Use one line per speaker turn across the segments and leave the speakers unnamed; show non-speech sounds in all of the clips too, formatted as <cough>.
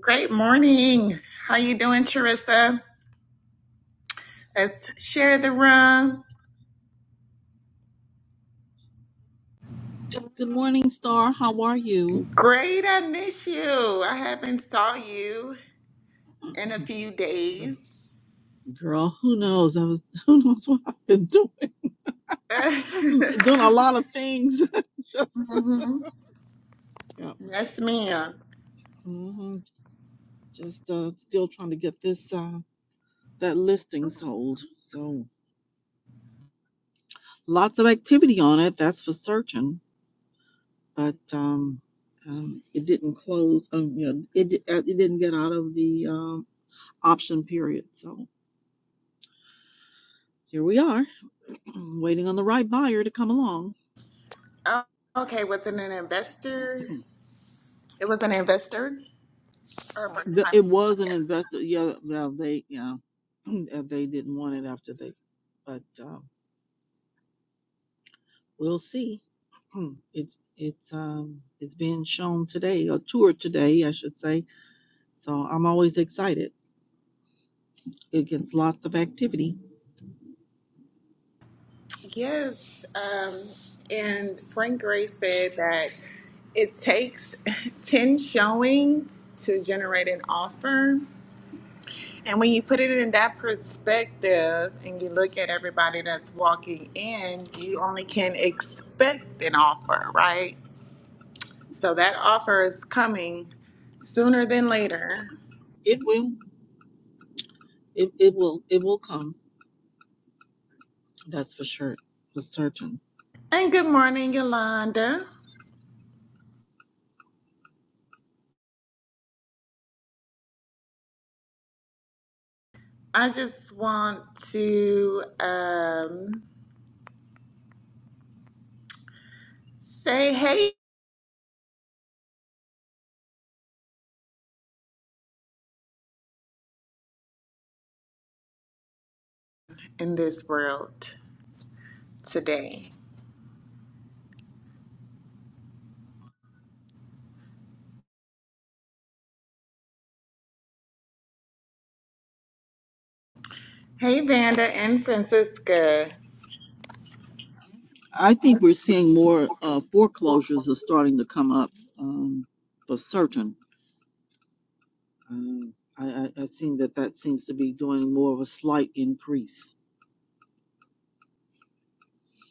Great morning. How you doing, Charissa? Let's share the room.
Good morning, Star. How are you?
Great, I miss you. I haven't saw you in a few days.
Girl, who knows? I was <laughs> who knows what I've been doing.
<laughs>
<laughs> Doing a lot of things. <laughs> just
Mhm.
yeah.
Yes, ma'am.
hmm Just uh still trying to get this uh that listing sold. So lots of activity on it, that's for certain. But um um, it didn't close. Um, you know, it di- uh, it didn't get out of the um, option period. So here we are, <clears throat> waiting on the right buyer to come along.
Oh, okay, was it an investor? It was an investor or a first
The,
time
it was an
buyer?
investor. Yeah, well, they, yeah, <clears throat> uh, they didn't want it after they, but um, we'll see. <clears throat> It's it's um it's being shown today, or toured today, I should say. So I'm always excited. It gets lots of activity.
Yes. Um, and Frank Gray said that it takes <laughs> 10 showings to generate an offer. And when you put it in that perspective and you look at everybody that's walking in, you only can expect an offer, right? So that offer is coming sooner than later.
It will. It it will. It will come. That's for sure. For certain.
And good morning, Yolanda. I just want to um, say hey in this world today. Hey, Vanda and Francisca.
I think we're seeing more uh, foreclosures are starting to come up um, for certain. Um, I, I, I think that that seems to be doing more of a slight increase.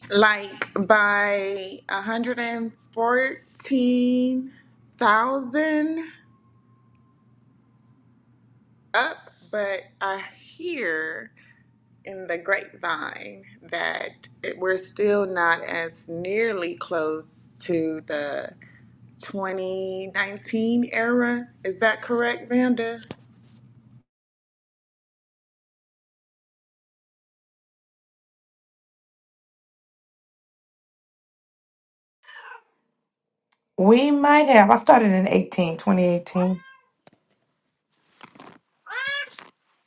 like by 114,000 up, but I hear in the grapevine that it, we're still not as nearly close to the 2019 era. Is that correct, Vanda?
We might have. I started in 18 2018.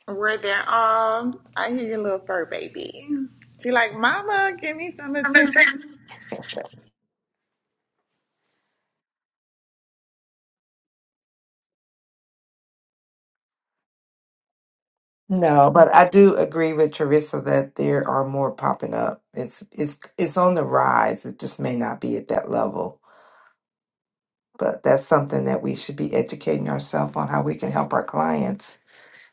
Where they're all, I hear your little fur baby. She like, Mama, give me some attention.
No, but I do agree with Teresa that there are more popping up. It's it's it's on the rise. It just may not be at that level. But that's something that we should be educating ourselves on how we can help our clients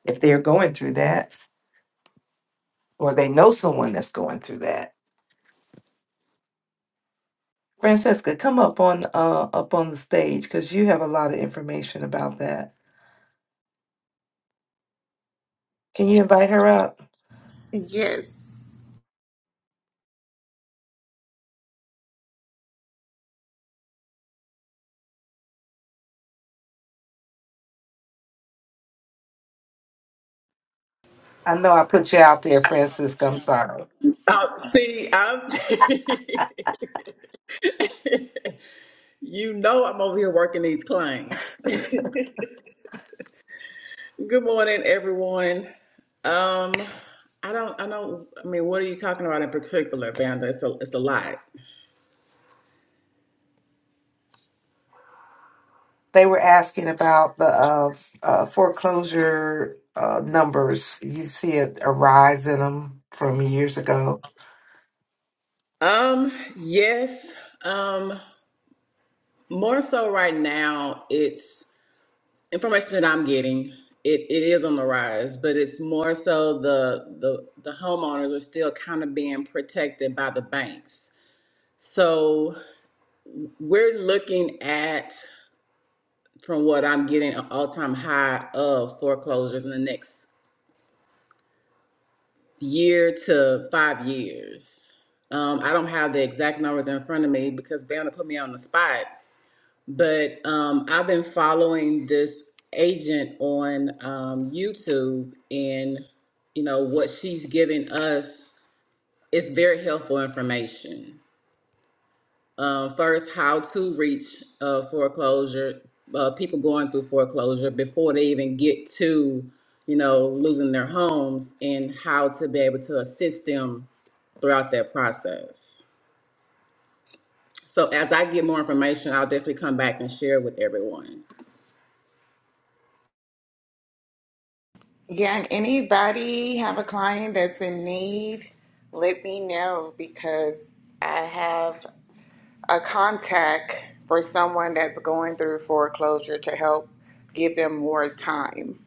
if they're going through that or they know someone that's going through that. Francesca, come up on uh up on the stage because you have a lot of information about that. Can you invite her up?
Yes.
I know I put you out there, Francesca. I'm sorry.
Uh, see, I'm. <laughs> you know, I'm over here working these claims. <laughs> Good morning, everyone. Um, I don't. I don't. I mean, what are you talking about in particular, Vanda? It's a. It's a lot.
They were asking about the uh, f- uh, foreclosure uh, numbers. You see a, a rise in them from years ago.
Um. Yes. Um. More so right now, it's information that I'm getting. It, it is on the rise, but it's more so the the the homeowners are still kind of being protected by the banks. So We're looking at, from what I'm getting, an all time high of foreclosures in the next year to five years. Um, I don't have the exact numbers in front of me because Vanna put me on the spot, but um, I've been following this agent on um, YouTube, and you know what she's giving us is very helpful information. Uh, first, how to reach uh, foreclosure, uh, people going through foreclosure before they even get to, you know, losing their homes, and how to be able to assist them throughout that process. So, as I get more information, I'll definitely come back and share with everyone.
Yeah, and anybody have a client that's in need, let me know because I have a contact for someone that's going through foreclosure to help give them more time.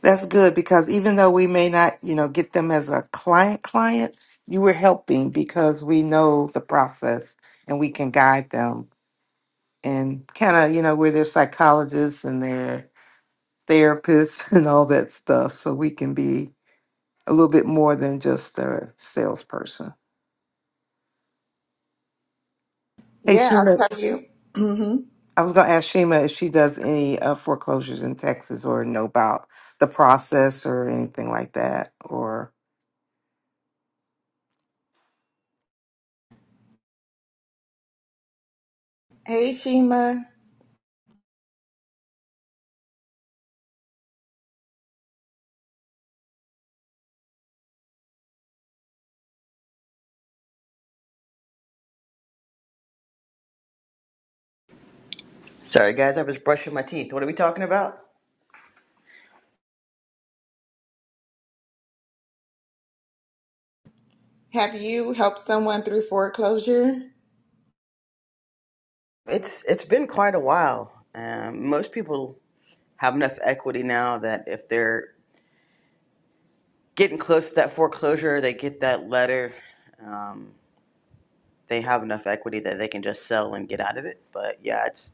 That's good because even though we may not, you know, get them as a client client, you were helping because we know the process and we can guide them and kind of, you know, we're their psychologists and their therapists <laughs> and all that stuff. So we can be a little bit more than just a salesperson. Hey,
Yeah, I'll
Shima,
tell you. hmm
I was going to ask Shima if she does any uh, foreclosures in Texas or know about the process or anything like that. Or
Hey, Shima,
Sorry, guys, I was brushing my teeth. What are we talking about?
have you helped someone through foreclosure?
It's it's been quite a while. Um, most people have enough equity now that if they're getting close to that foreclosure, they get that letter. Um, they have enough equity that they can just sell and get out of it. But yeah, it's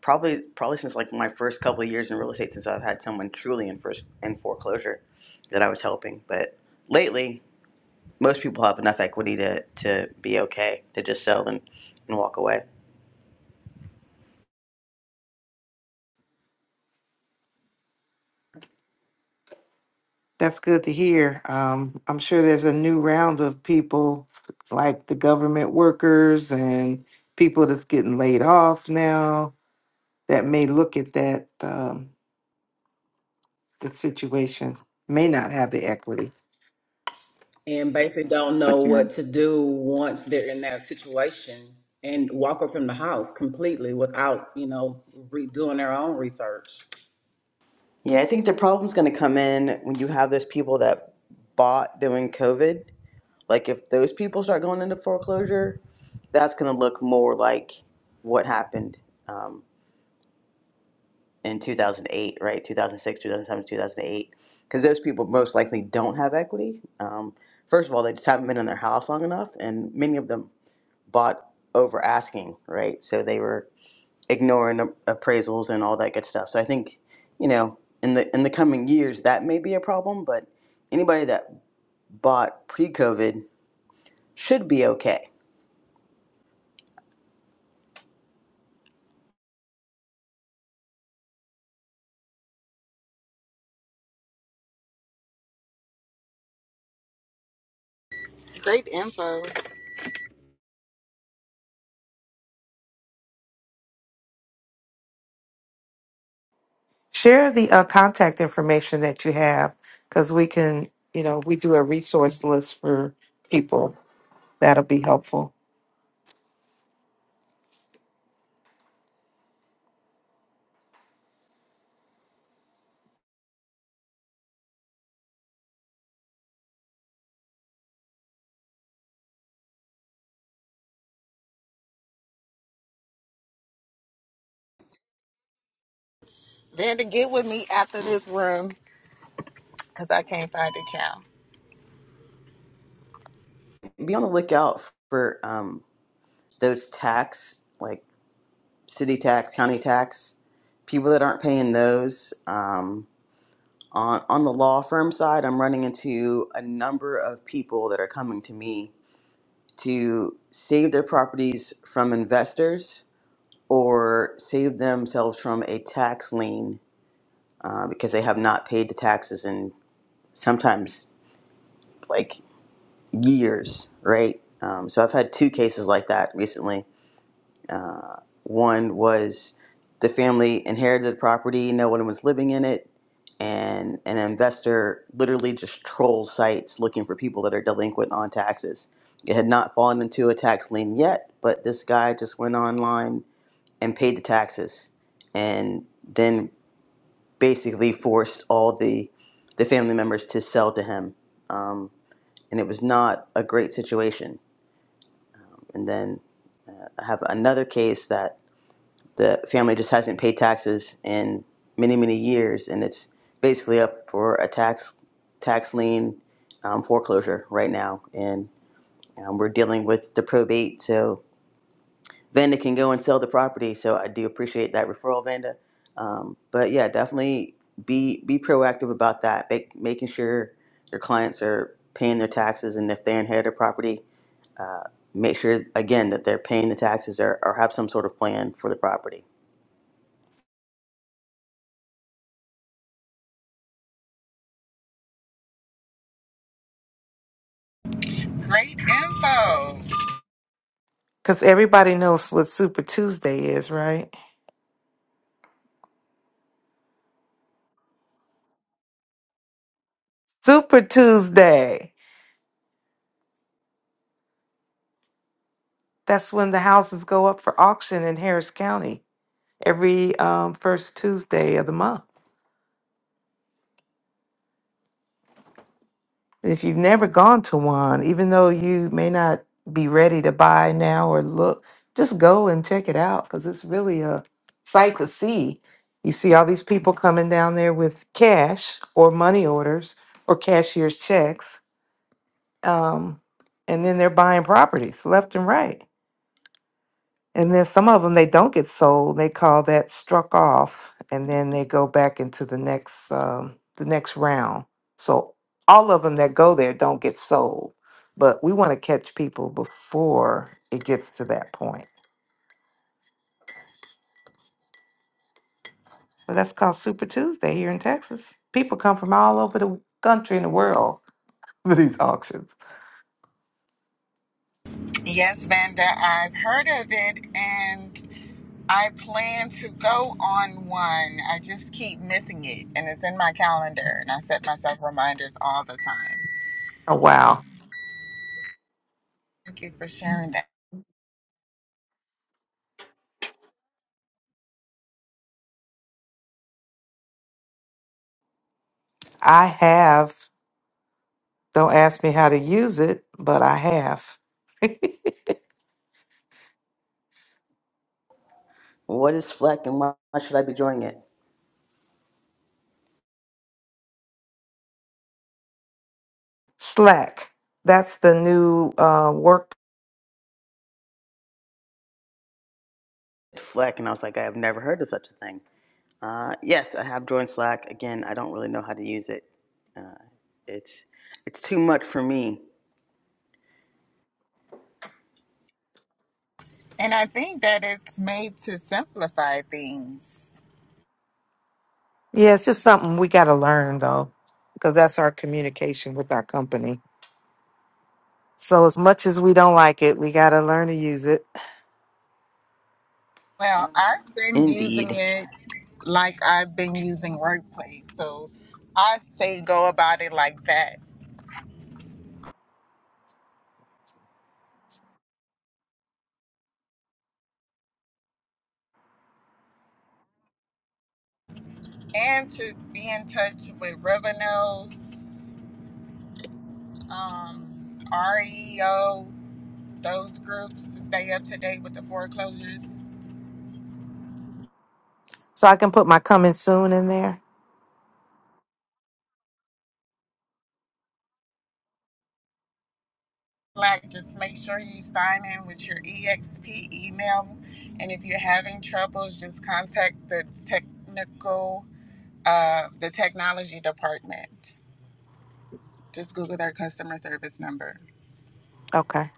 probably probably since like my first couple of years in real estate, since I've had someone truly in first in foreclosure that I was helping. But lately, most people have enough equity to to be okay to just sell and, and walk away.
that's good to hear. Um, I'm sure there's a new round of people like the government workers and people that's getting laid off now that may look at that um, the situation may not have the equity.
And basically, don't know
But you
what to do once they're in that situation and walk up from the house completely without, you know, redoing their own research.
Yeah, I think the problem's going to come in when you have those people that bought during COVID. Like, if those people start going into foreclosure, that's going to look more like what happened um, in 2008, right? 2006, 2007, 2008. Because those people most likely don't have equity. Um, first of all, they just haven't been in their house long enough, and many of them bought over asking, right? So they were ignoring appraisals and all that good stuff. So I think, you know, in the in the coming years that may be a problem, but anybody that bought pre-COVID should be okay.
Great info.
Share the uh, contact information that you have because we can, you know, we do a resource list for people. That'll be helpful
Then to get with me after this room because I can't find it, child.
Be on the lookout for um, those tax, like city tax, county tax, people that aren't paying those. Um, on on the law firm side, I'm running into a number of people that are coming to me to save their properties from investors or save themselves from a tax lien uh, because they have not paid the taxes in sometimes like years, right? Um, so I've had two cases like that recently. Uh, one was the family inherited the property, no one was living in it, and an investor literally just trolls sites looking for people that are delinquent on taxes. It had not fallen into a tax lien yet, but this guy just went online and paid the taxes and then basically forced all the the family members to sell to him um, and it was not a great situation um, and then uh, I have another case that the family just hasn't paid taxes in many many years and it's basically up for a tax tax lien um, foreclosure right now and um, we're dealing with the probate so Vanda can go and sell the property. So I do appreciate that referral, Vanda. Um, but yeah, definitely be be proactive about that, make, making sure your clients are paying their taxes, and if they inherit a property, uh, make sure again that they're paying the taxes or, or have some sort of plan for the property.
Great info.
because everybody knows what Super Tuesday is, right? Super Tuesday. That's when the houses go up for auction in Harris County every um, first Tuesday of the month. If you've never gone to one, even though you may not be ready to buy now or look, just go and check it out because it's really a sight to see. You see all these people coming down there with cash or money orders or cashier's checks, um, and then they're buying properties left and right. And then some of them they don't get sold. They call that struck off, and then they go back into the next um, the next round. So all of them that go there don't get sold. But we want to catch people before it gets to that point. But that's called Super Tuesday here in Texas. People come from all over the country and the world <laughs> for these auctions.
Yes, Vanda, I've heard of it, and I plan to go on one. I just keep missing it, and it's in my calendar, and I set myself reminders all the time.
Oh, wow.
Thank you for sharing that.
I have, don't ask me how to use it, but I have. <laughs>
What is FLEC and why should I be joining it?
Slack. That's the new uh, work
FLEC, and I was like, I have never heard of such a thing. Uh, yes, I have joined Slack. Again, I don't really know how to use it. Uh, it's it's too much for me.
And I think that it's made to simplify things.
Yeah, it's just something we got to learn though, because that's our communication with our company. So as much as we don't like it, we got to learn to use it.
Well, I've been using
Indeed.
it like I've been using Workplace, so I say go about it like that. And to be in touch with Revenos, um, REO, those groups to stay up to date with the foreclosures.
So I can put my coming soon in there.
like just make sure you sign in with your exp email and if you're having troubles just contact the technical uh, the technology department just google their customer service number
Okay.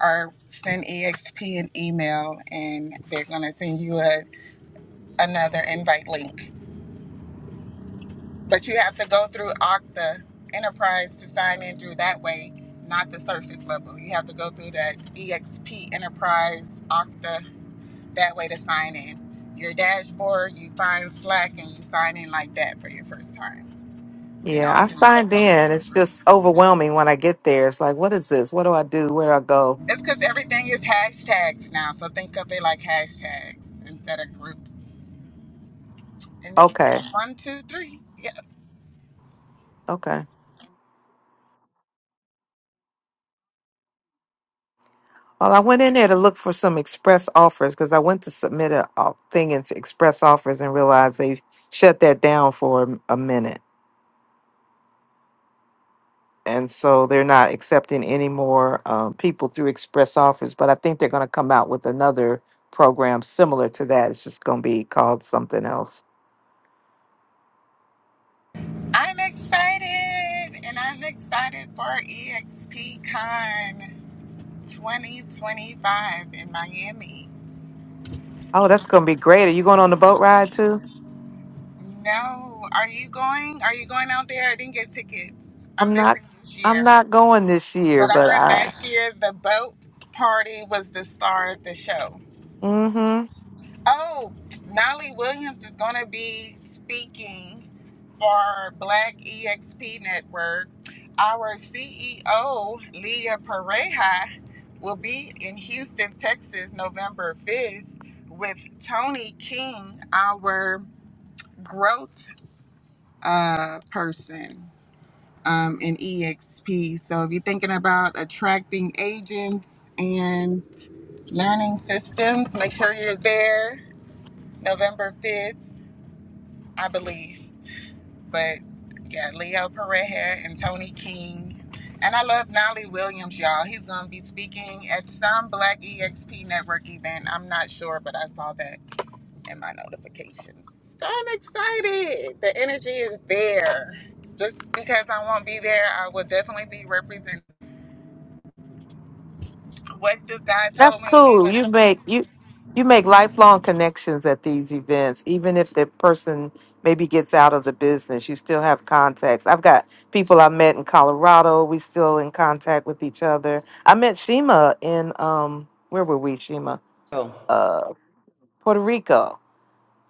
or send exp an email and they're going to send you a, another invite link but you have to go through okta enterprise to sign in through that way not the surface level you have to go through that exp enterprise okta that way to sign in. Your dashboard, you find Slack and you sign in like that for your first time. Then
Yeah,
all
I
your stuff.
signed
on-
in. It's just overwhelming when I get there. It's like, what is this? What do I do? Where do I go?
It's because everything is hashtags now. So think of it like hashtags instead of groups. And it's
Okay.
like one, two, three. Yep.
Okay. Well, I went in there to look for some express offers because I went to submit a a thing into express offers and realized they shut that down for a minute. and so they're not accepting any more um, people through express offers. But I think they're going to come out with another program similar to that. It's just going to be called something else.
I'm excited and I'm excited for EXPCon 2025 in Miami.
Oh, that's going to be great. Are you going on the boat ride too?
No, are you going? Are you going out there? I didn't get tickets. I'm
I'm not.
missing this
I'm
year.
not going this
But
year,
I
but
heard
I.
last year the boat party was the star of the show.
mm-hmm.
Oh, Nolly Williams is going to be speaking for Black EXP Network. Our CEO, Leah Pareja, will be in Houston, Texas, November 5th with Tony King, our growth uh, person um, in EXP. So if you're thinking about attracting agents, Learning systems, make sure you're there November 5th, I believe. But yeah, Leo Pareja and Tony King. And I love Nolly Williams, y'all. He's going to be speaking at some Black EXP Network event. I'm not sure, but I saw that in my notifications. So I'm excited. The energy is there. Just because I won't be there, I will definitely be representing. What this guy
That's
told me, he
cool.
was.
You make you you make lifelong connections at these events, even if the person maybe gets out of the business. You still have contacts. I've got people I met in Colorado. We still in contact with each other. I met Shima in um where were we? Shima,
Oh.
uh, Puerto Rico.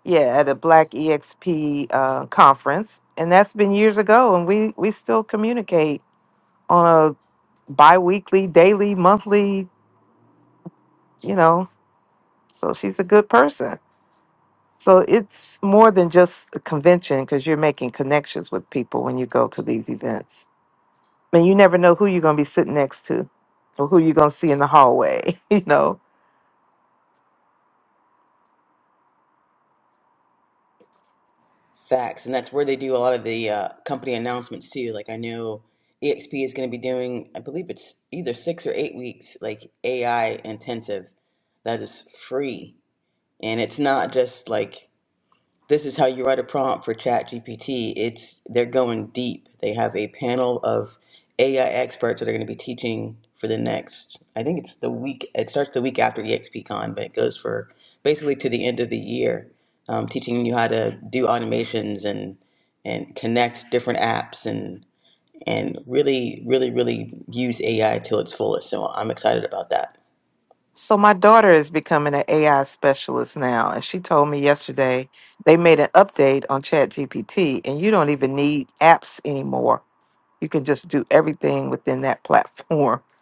Yeah, at a Black EXP uh, conference, and that's been years ago. And we we still communicate on a biweekly, daily, monthly. You know, so she's a good person. So it's more than just a convention because you're making connections with people when you go to these events. I mean, you never know who you're going to be sitting next to or who you're going to see in the hallway, <laughs> you know.
Facts, and that's where they do a lot of the uh, company announcements too. Like I know EXP is going to be doing, I believe it's either six or eight weeks, like AI intensive that is free, and it's not just like this is how you write a prompt for ChatGPT. It's they're going deep. They have a panel of AI experts that are going to be teaching for the next. I think it's the week. It starts the week after ExpCon, but it goes for basically to the end of the year, um, teaching you how to do automations and and connect different apps and and really really really use AI to its fullest. So I'm excited about that.
So my daughter is becoming an AI specialist now, and she told me yesterday they made an update on ChatGPT, and you don't even need apps anymore. You can just do everything within that platform. <laughs>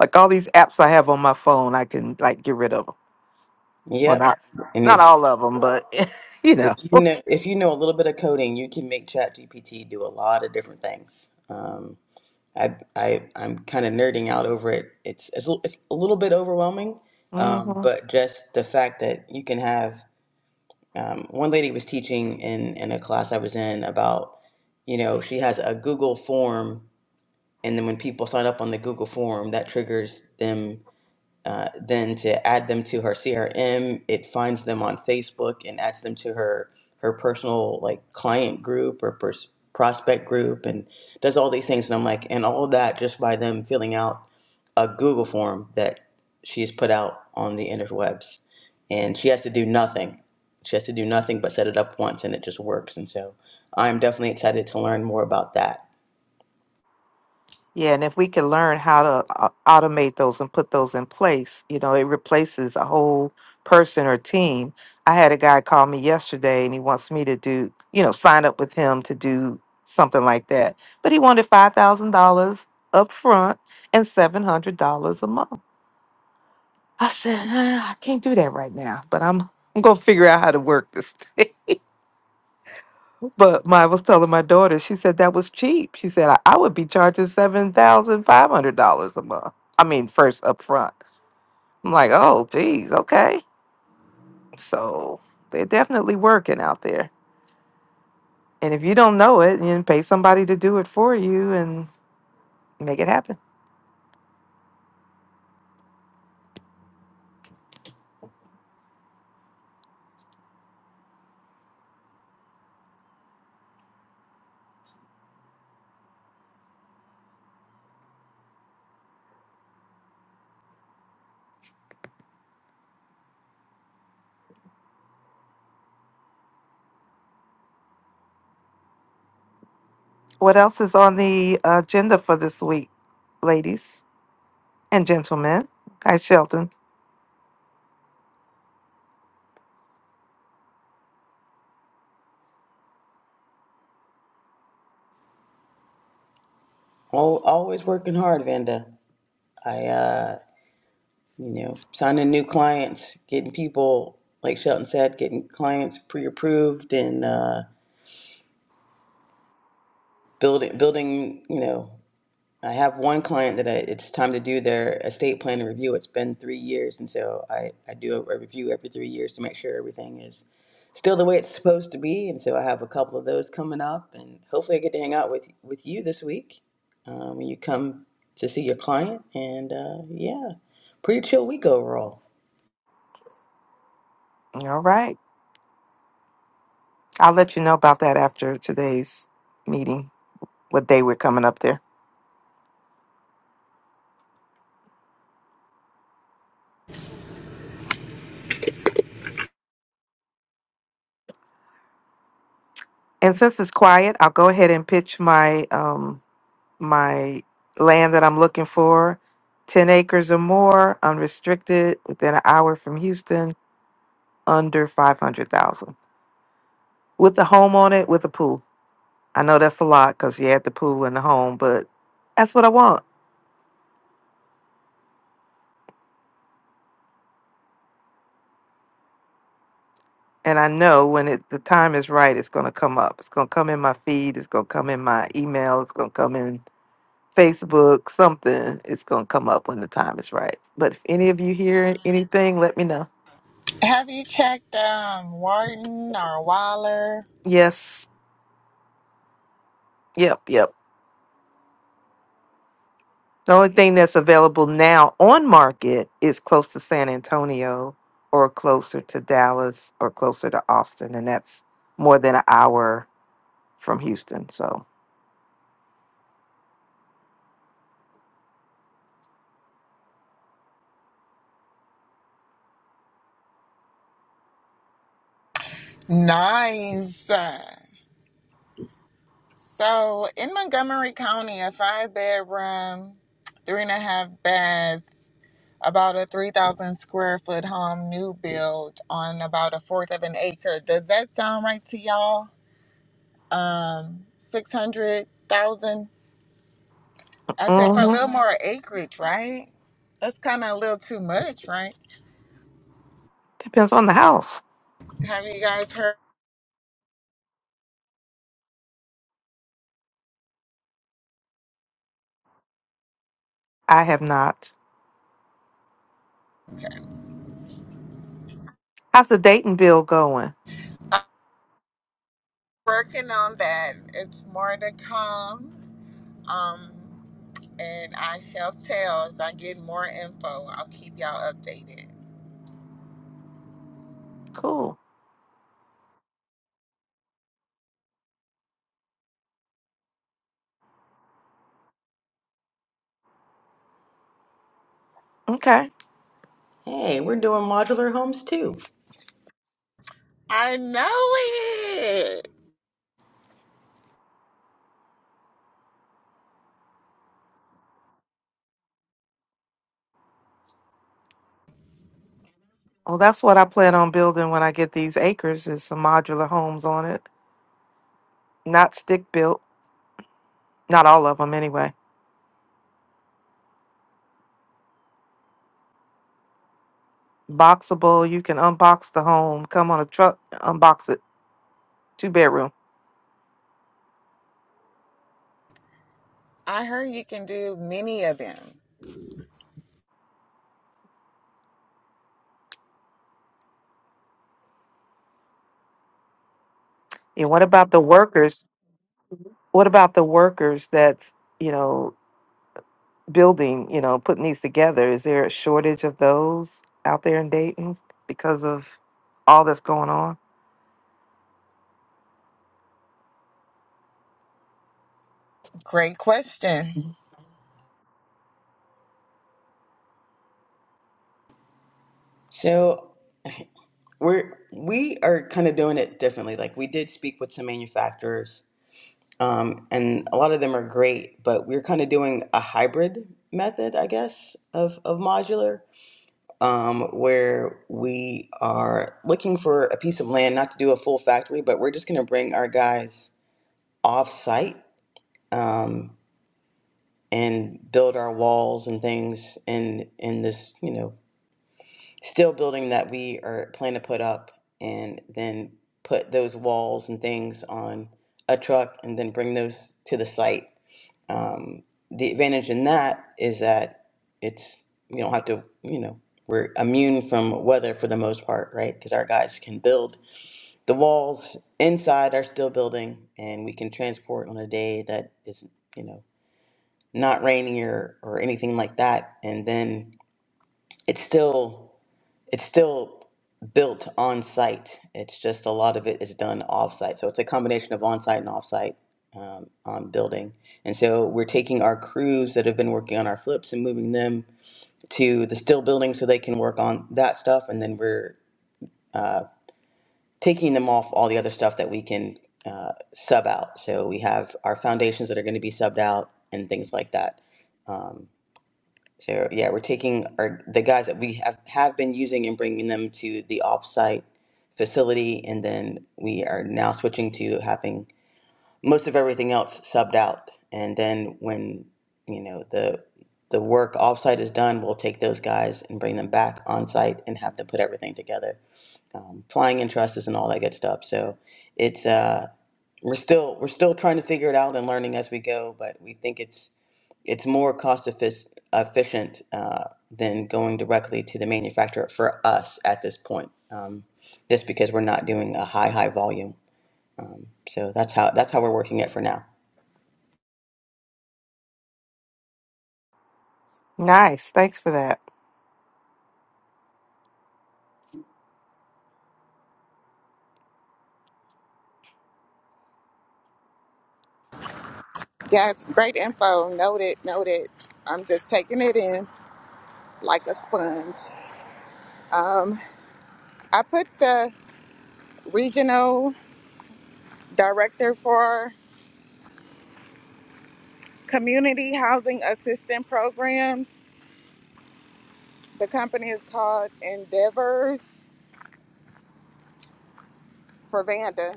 Like all these apps I have on my phone, I can like get rid of them. Well,
Yep.
not
And
not
if
all of them, but <laughs> you
If
know.
you know, if you know a little bit of coding, you can make ChatGPT do a lot of different things. Um, I, I, I'm kind of nerding out over it. It's, it's, a- it's a little bit overwhelming, um,
hmm
but just the fact that you can have um, one lady was teaching in, in a class I was in about, you know, she has a Google form, and then when people sign up on the Google form, that triggers them. Uh, then to add them to her CRM, it finds them on Facebook and adds them to her her personal like client group or pers- prospect group and does all these things. And I'm like, and all of that just by them filling out a Google form that she's put out on the interwebs, and she has to do nothing. She has to do nothing but set it up once, and it just works. And so I'm definitely excited to learn more about that.
Yeah, and if we can learn how to uh, automate those and put those in place, you know, it replaces a whole person or team. I had a guy call me yesterday and he wants me to do, you know, sign up with him to do something like that. But he wanted $5,000 up front and $700 a month. I said, "Uh, I can't do that right now, but I'm I'm going to figure out how to work this But my, I was telling my daughter, she said that was cheap. She said I, I would be charging seven thousand five hundred dollars a month. I mean, first up front. I'm like, oh, geez, okay. So they're definitely working out there. And if you don't know it, you can pay somebody to do it for you and make it happen. What else is on the agenda for this week, ladies and gentlemen? Hi, Shelton.
Al always working hard, Vanda. I uh, you know, signing new clients, getting people, like Shelton said, getting clients pre-approved and uh, building, building, you know, I have one client that I, it's time to do their estate plan review. It's been three years, and so I, I do a, review every three years to make sure everything is still the way it's supposed to be. And so I have a couple of those coming up, and hopefully I get to hang out with with you this week um, when you come to see your client. And uh, yeah, pretty chill week overall.
All right, I'll let you know about that after today's meeting. what day we're coming up there. And since it's quiet, I'll go ahead and pitch my um my land that I'm looking for. Ten acres or more, unrestricted, within an hour from Houston, under five hundred thousand. With a home on it, with a pool. I know that's a lot because you had the pool and the home, but that's what I want. And I know when it the time is right, it's gonna come up. It's gonna come in my feed, it's gonna come in my email, it's gonna come in Facebook, something. It's gonna come up when the time is right. But if any of you hear anything, let me know.
Have you checked um, Warden or Waller?
Yes. Yep. Yep. The only thing that's available now on market is close to San Antonio or closer to Dallas or closer to Austin. And that's more than an hour from Houston. So
Nice. So in Montgomery County, a five bedroom, three and a half bath, about a 3,000 square foot home, new build on about a fourth of an acre. Does that sound right to y'all? Um, 600,000? I said for a
hmm
little more acreage, right? That's kind of a little too much, right?
depends on the house.
Have you guys heard?
I have not. How's the Dayton bill going?
I'm working on that. It's more to come. Um, and I shall tell as I get more info. I'll keep y'all updated.
Cool. Okay.
Hey, we're doing modular homes too.
I know it.
Oh, that's what I plan on building when I get these acres is some modular homes on it. Not stick built, not all of them anyway. Boxable, you can unbox the home, come on a truck, unbox it, two bedroom.
I heard you can do many of them.
And what about the workers? What about the workers that's, you know, building, you know, putting these together? Is there a shortage of those out there in Dayton because of all that's going on?
Great question.
Mhm.
So we're we are kind of doing it differently. Like we did speak with some manufacturers, um, and a lot of them are great, but we're kind of doing a hybrid method, I guess, of of modular, um, where we are looking for a piece of land, not to do a full factory, but we're just going to bring our guys off site. Um, and build our walls and things in in this you know still building that we are planning to put up and then put those walls and things on a truck and then bring those to the site. Um, the advantage in that is that it's we don't have to you know we're immune from weather for the most part, right? Because our guys can build the walls inside our steel building and we can transport on a day that is you know not raining or or anything like that, and then it's still it's still built on site. It's just a lot of it is done off site. So it's a combination of on site and off site um, on building. And so we're taking our crews that have been working on our flips and moving them to the still building so they can work on that stuff. And then we're uh, taking them off all the other stuff that we can uh, sub out. So we have our foundations that are going to be subbed out and things like that. Um, so yeah, we're taking our the guys that we have have been using and bringing them to the offsite facility, and then we are now switching to having most of everything else subbed out. And then when you know the the work offsite is done, we'll take those guys and bring them back on site and have them put everything together, um, flying in trusses and all that good stuff. So it's uh, we're still we're still trying to figure it out and learning as we go but we think it's it's more cost effic- efficient uh, than going directly to the manufacturer for us at this point um, just because we're not doing a high high volume um, so that's how that's how we're working it for now
Nice. Thanks for that.
Yes, great info. Noted, noted. I'm just taking it in like a sponge. Um, I put the regional director for community housing assistance programs. The company is called Endeavors for Vanda.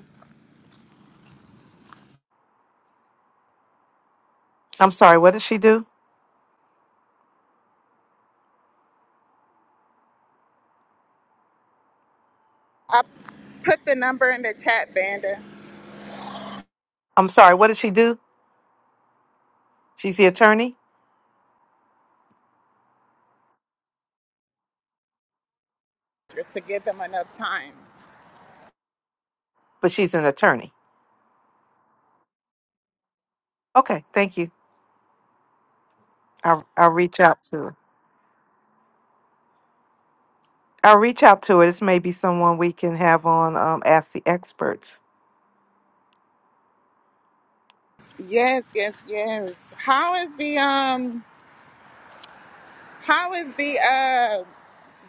I'm sorry, what did she do?
I put the number in the chat, Vanda,
I'm sorry, what did she do? She's the attorney?
just to give them enough time.
but she's an attorney. Okay, thank you. I'll I'll reach out to her. I'll reach out to her. This may be someone we can have on um Ask the Experts.
Yes, yes, yes. How is the um? How is the uh?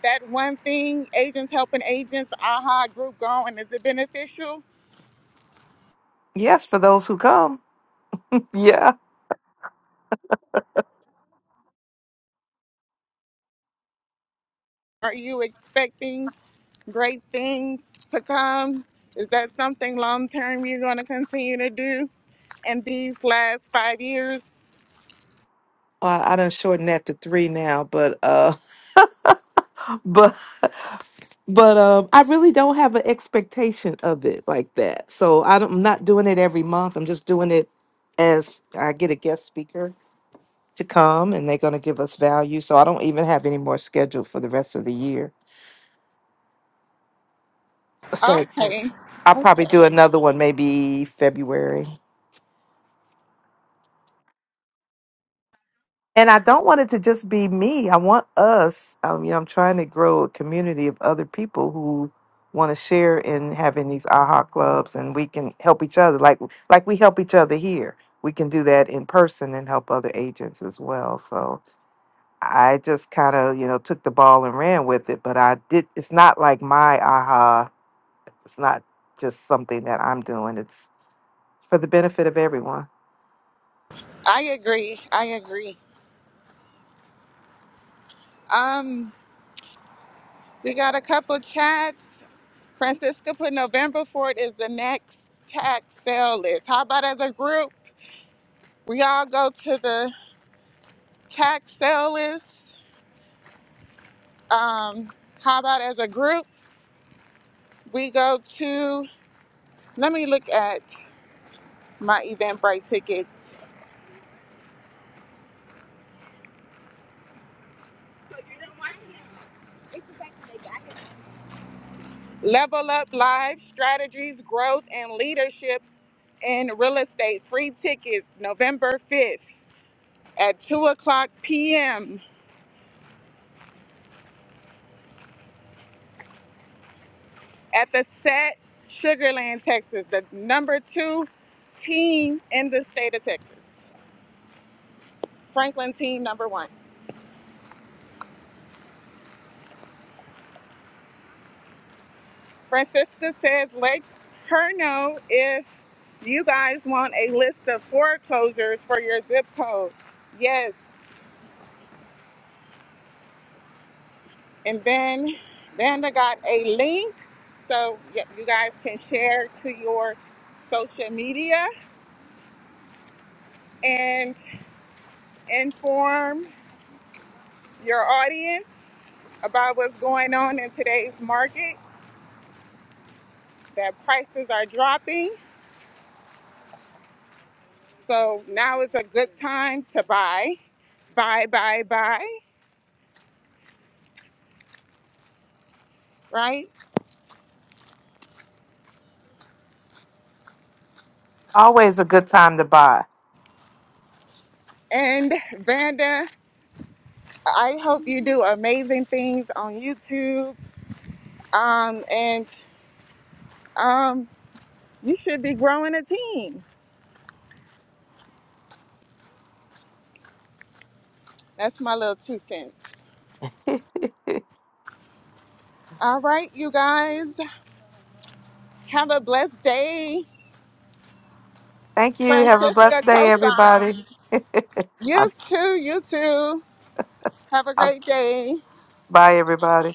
That one thing, agents helping agents, AHA group going. Is it beneficial?
Yes, for those who come. Yeah.
Are you expecting great things to come? Is that something long term you're going to continue to do in these last five years?
Well, I done shortened that to three now, but uh <laughs> but but um I really don't have an expectation of it like that. So I don't, I'm not doing it every month. I'm just doing it as I get a guest speaker to come and they're gonna give us value. So I don't even have any more scheduled for the rest of the year.
Okay,
I'll probably
okay.
do another one maybe February. And I don't want it to just be me. I want us. Um, you know, I'm trying to grow a community of other people who want to share in having these AHA clubs, and we can help each other. Like like we help each other here. We can do that in person and help other agents as well. So I just kind of you know took the ball and ran with it. But I did. It's not like my AHA. It's not just something that I'm doing. It's for the benefit of everyone.
I agree. I agree. Um, We got a couple chats. Francisca put November 4th is the next tax sale list. How about as a group? We all go to the tax sale list. Um, how about as a group? We go to, let me look at my Eventbrite tickets. Level Up Live Strategies, Growth, and Leadership in Real Estate. Free tickets November 5th at 2 o'clock p.m. at the set Sugarland, Texas, the number two team in the state of Texas. Franklin team number one. Francisca says, let her know if you guys want a list of foreclosures for your zip code. Yes. And then Vanda got a link so y- you guys can share to your social media and inform your audience about what's going on in today's market that prices are dropping. So now is a good time to buy, buy, buy, buy, right?
Always a good time to buy.
And Vanda, I hope you do amazing things on YouTube. Um, and um, you should be growing a team. That's my little two cents.
<laughs>
All right, you guys, have a blessed day.
Thank you. Have a
Francisca
blessed day,
Cosine.
everybody. <laughs>
You
I'll,
too, you too. Have a
I'll,
great day.
bye, everybody.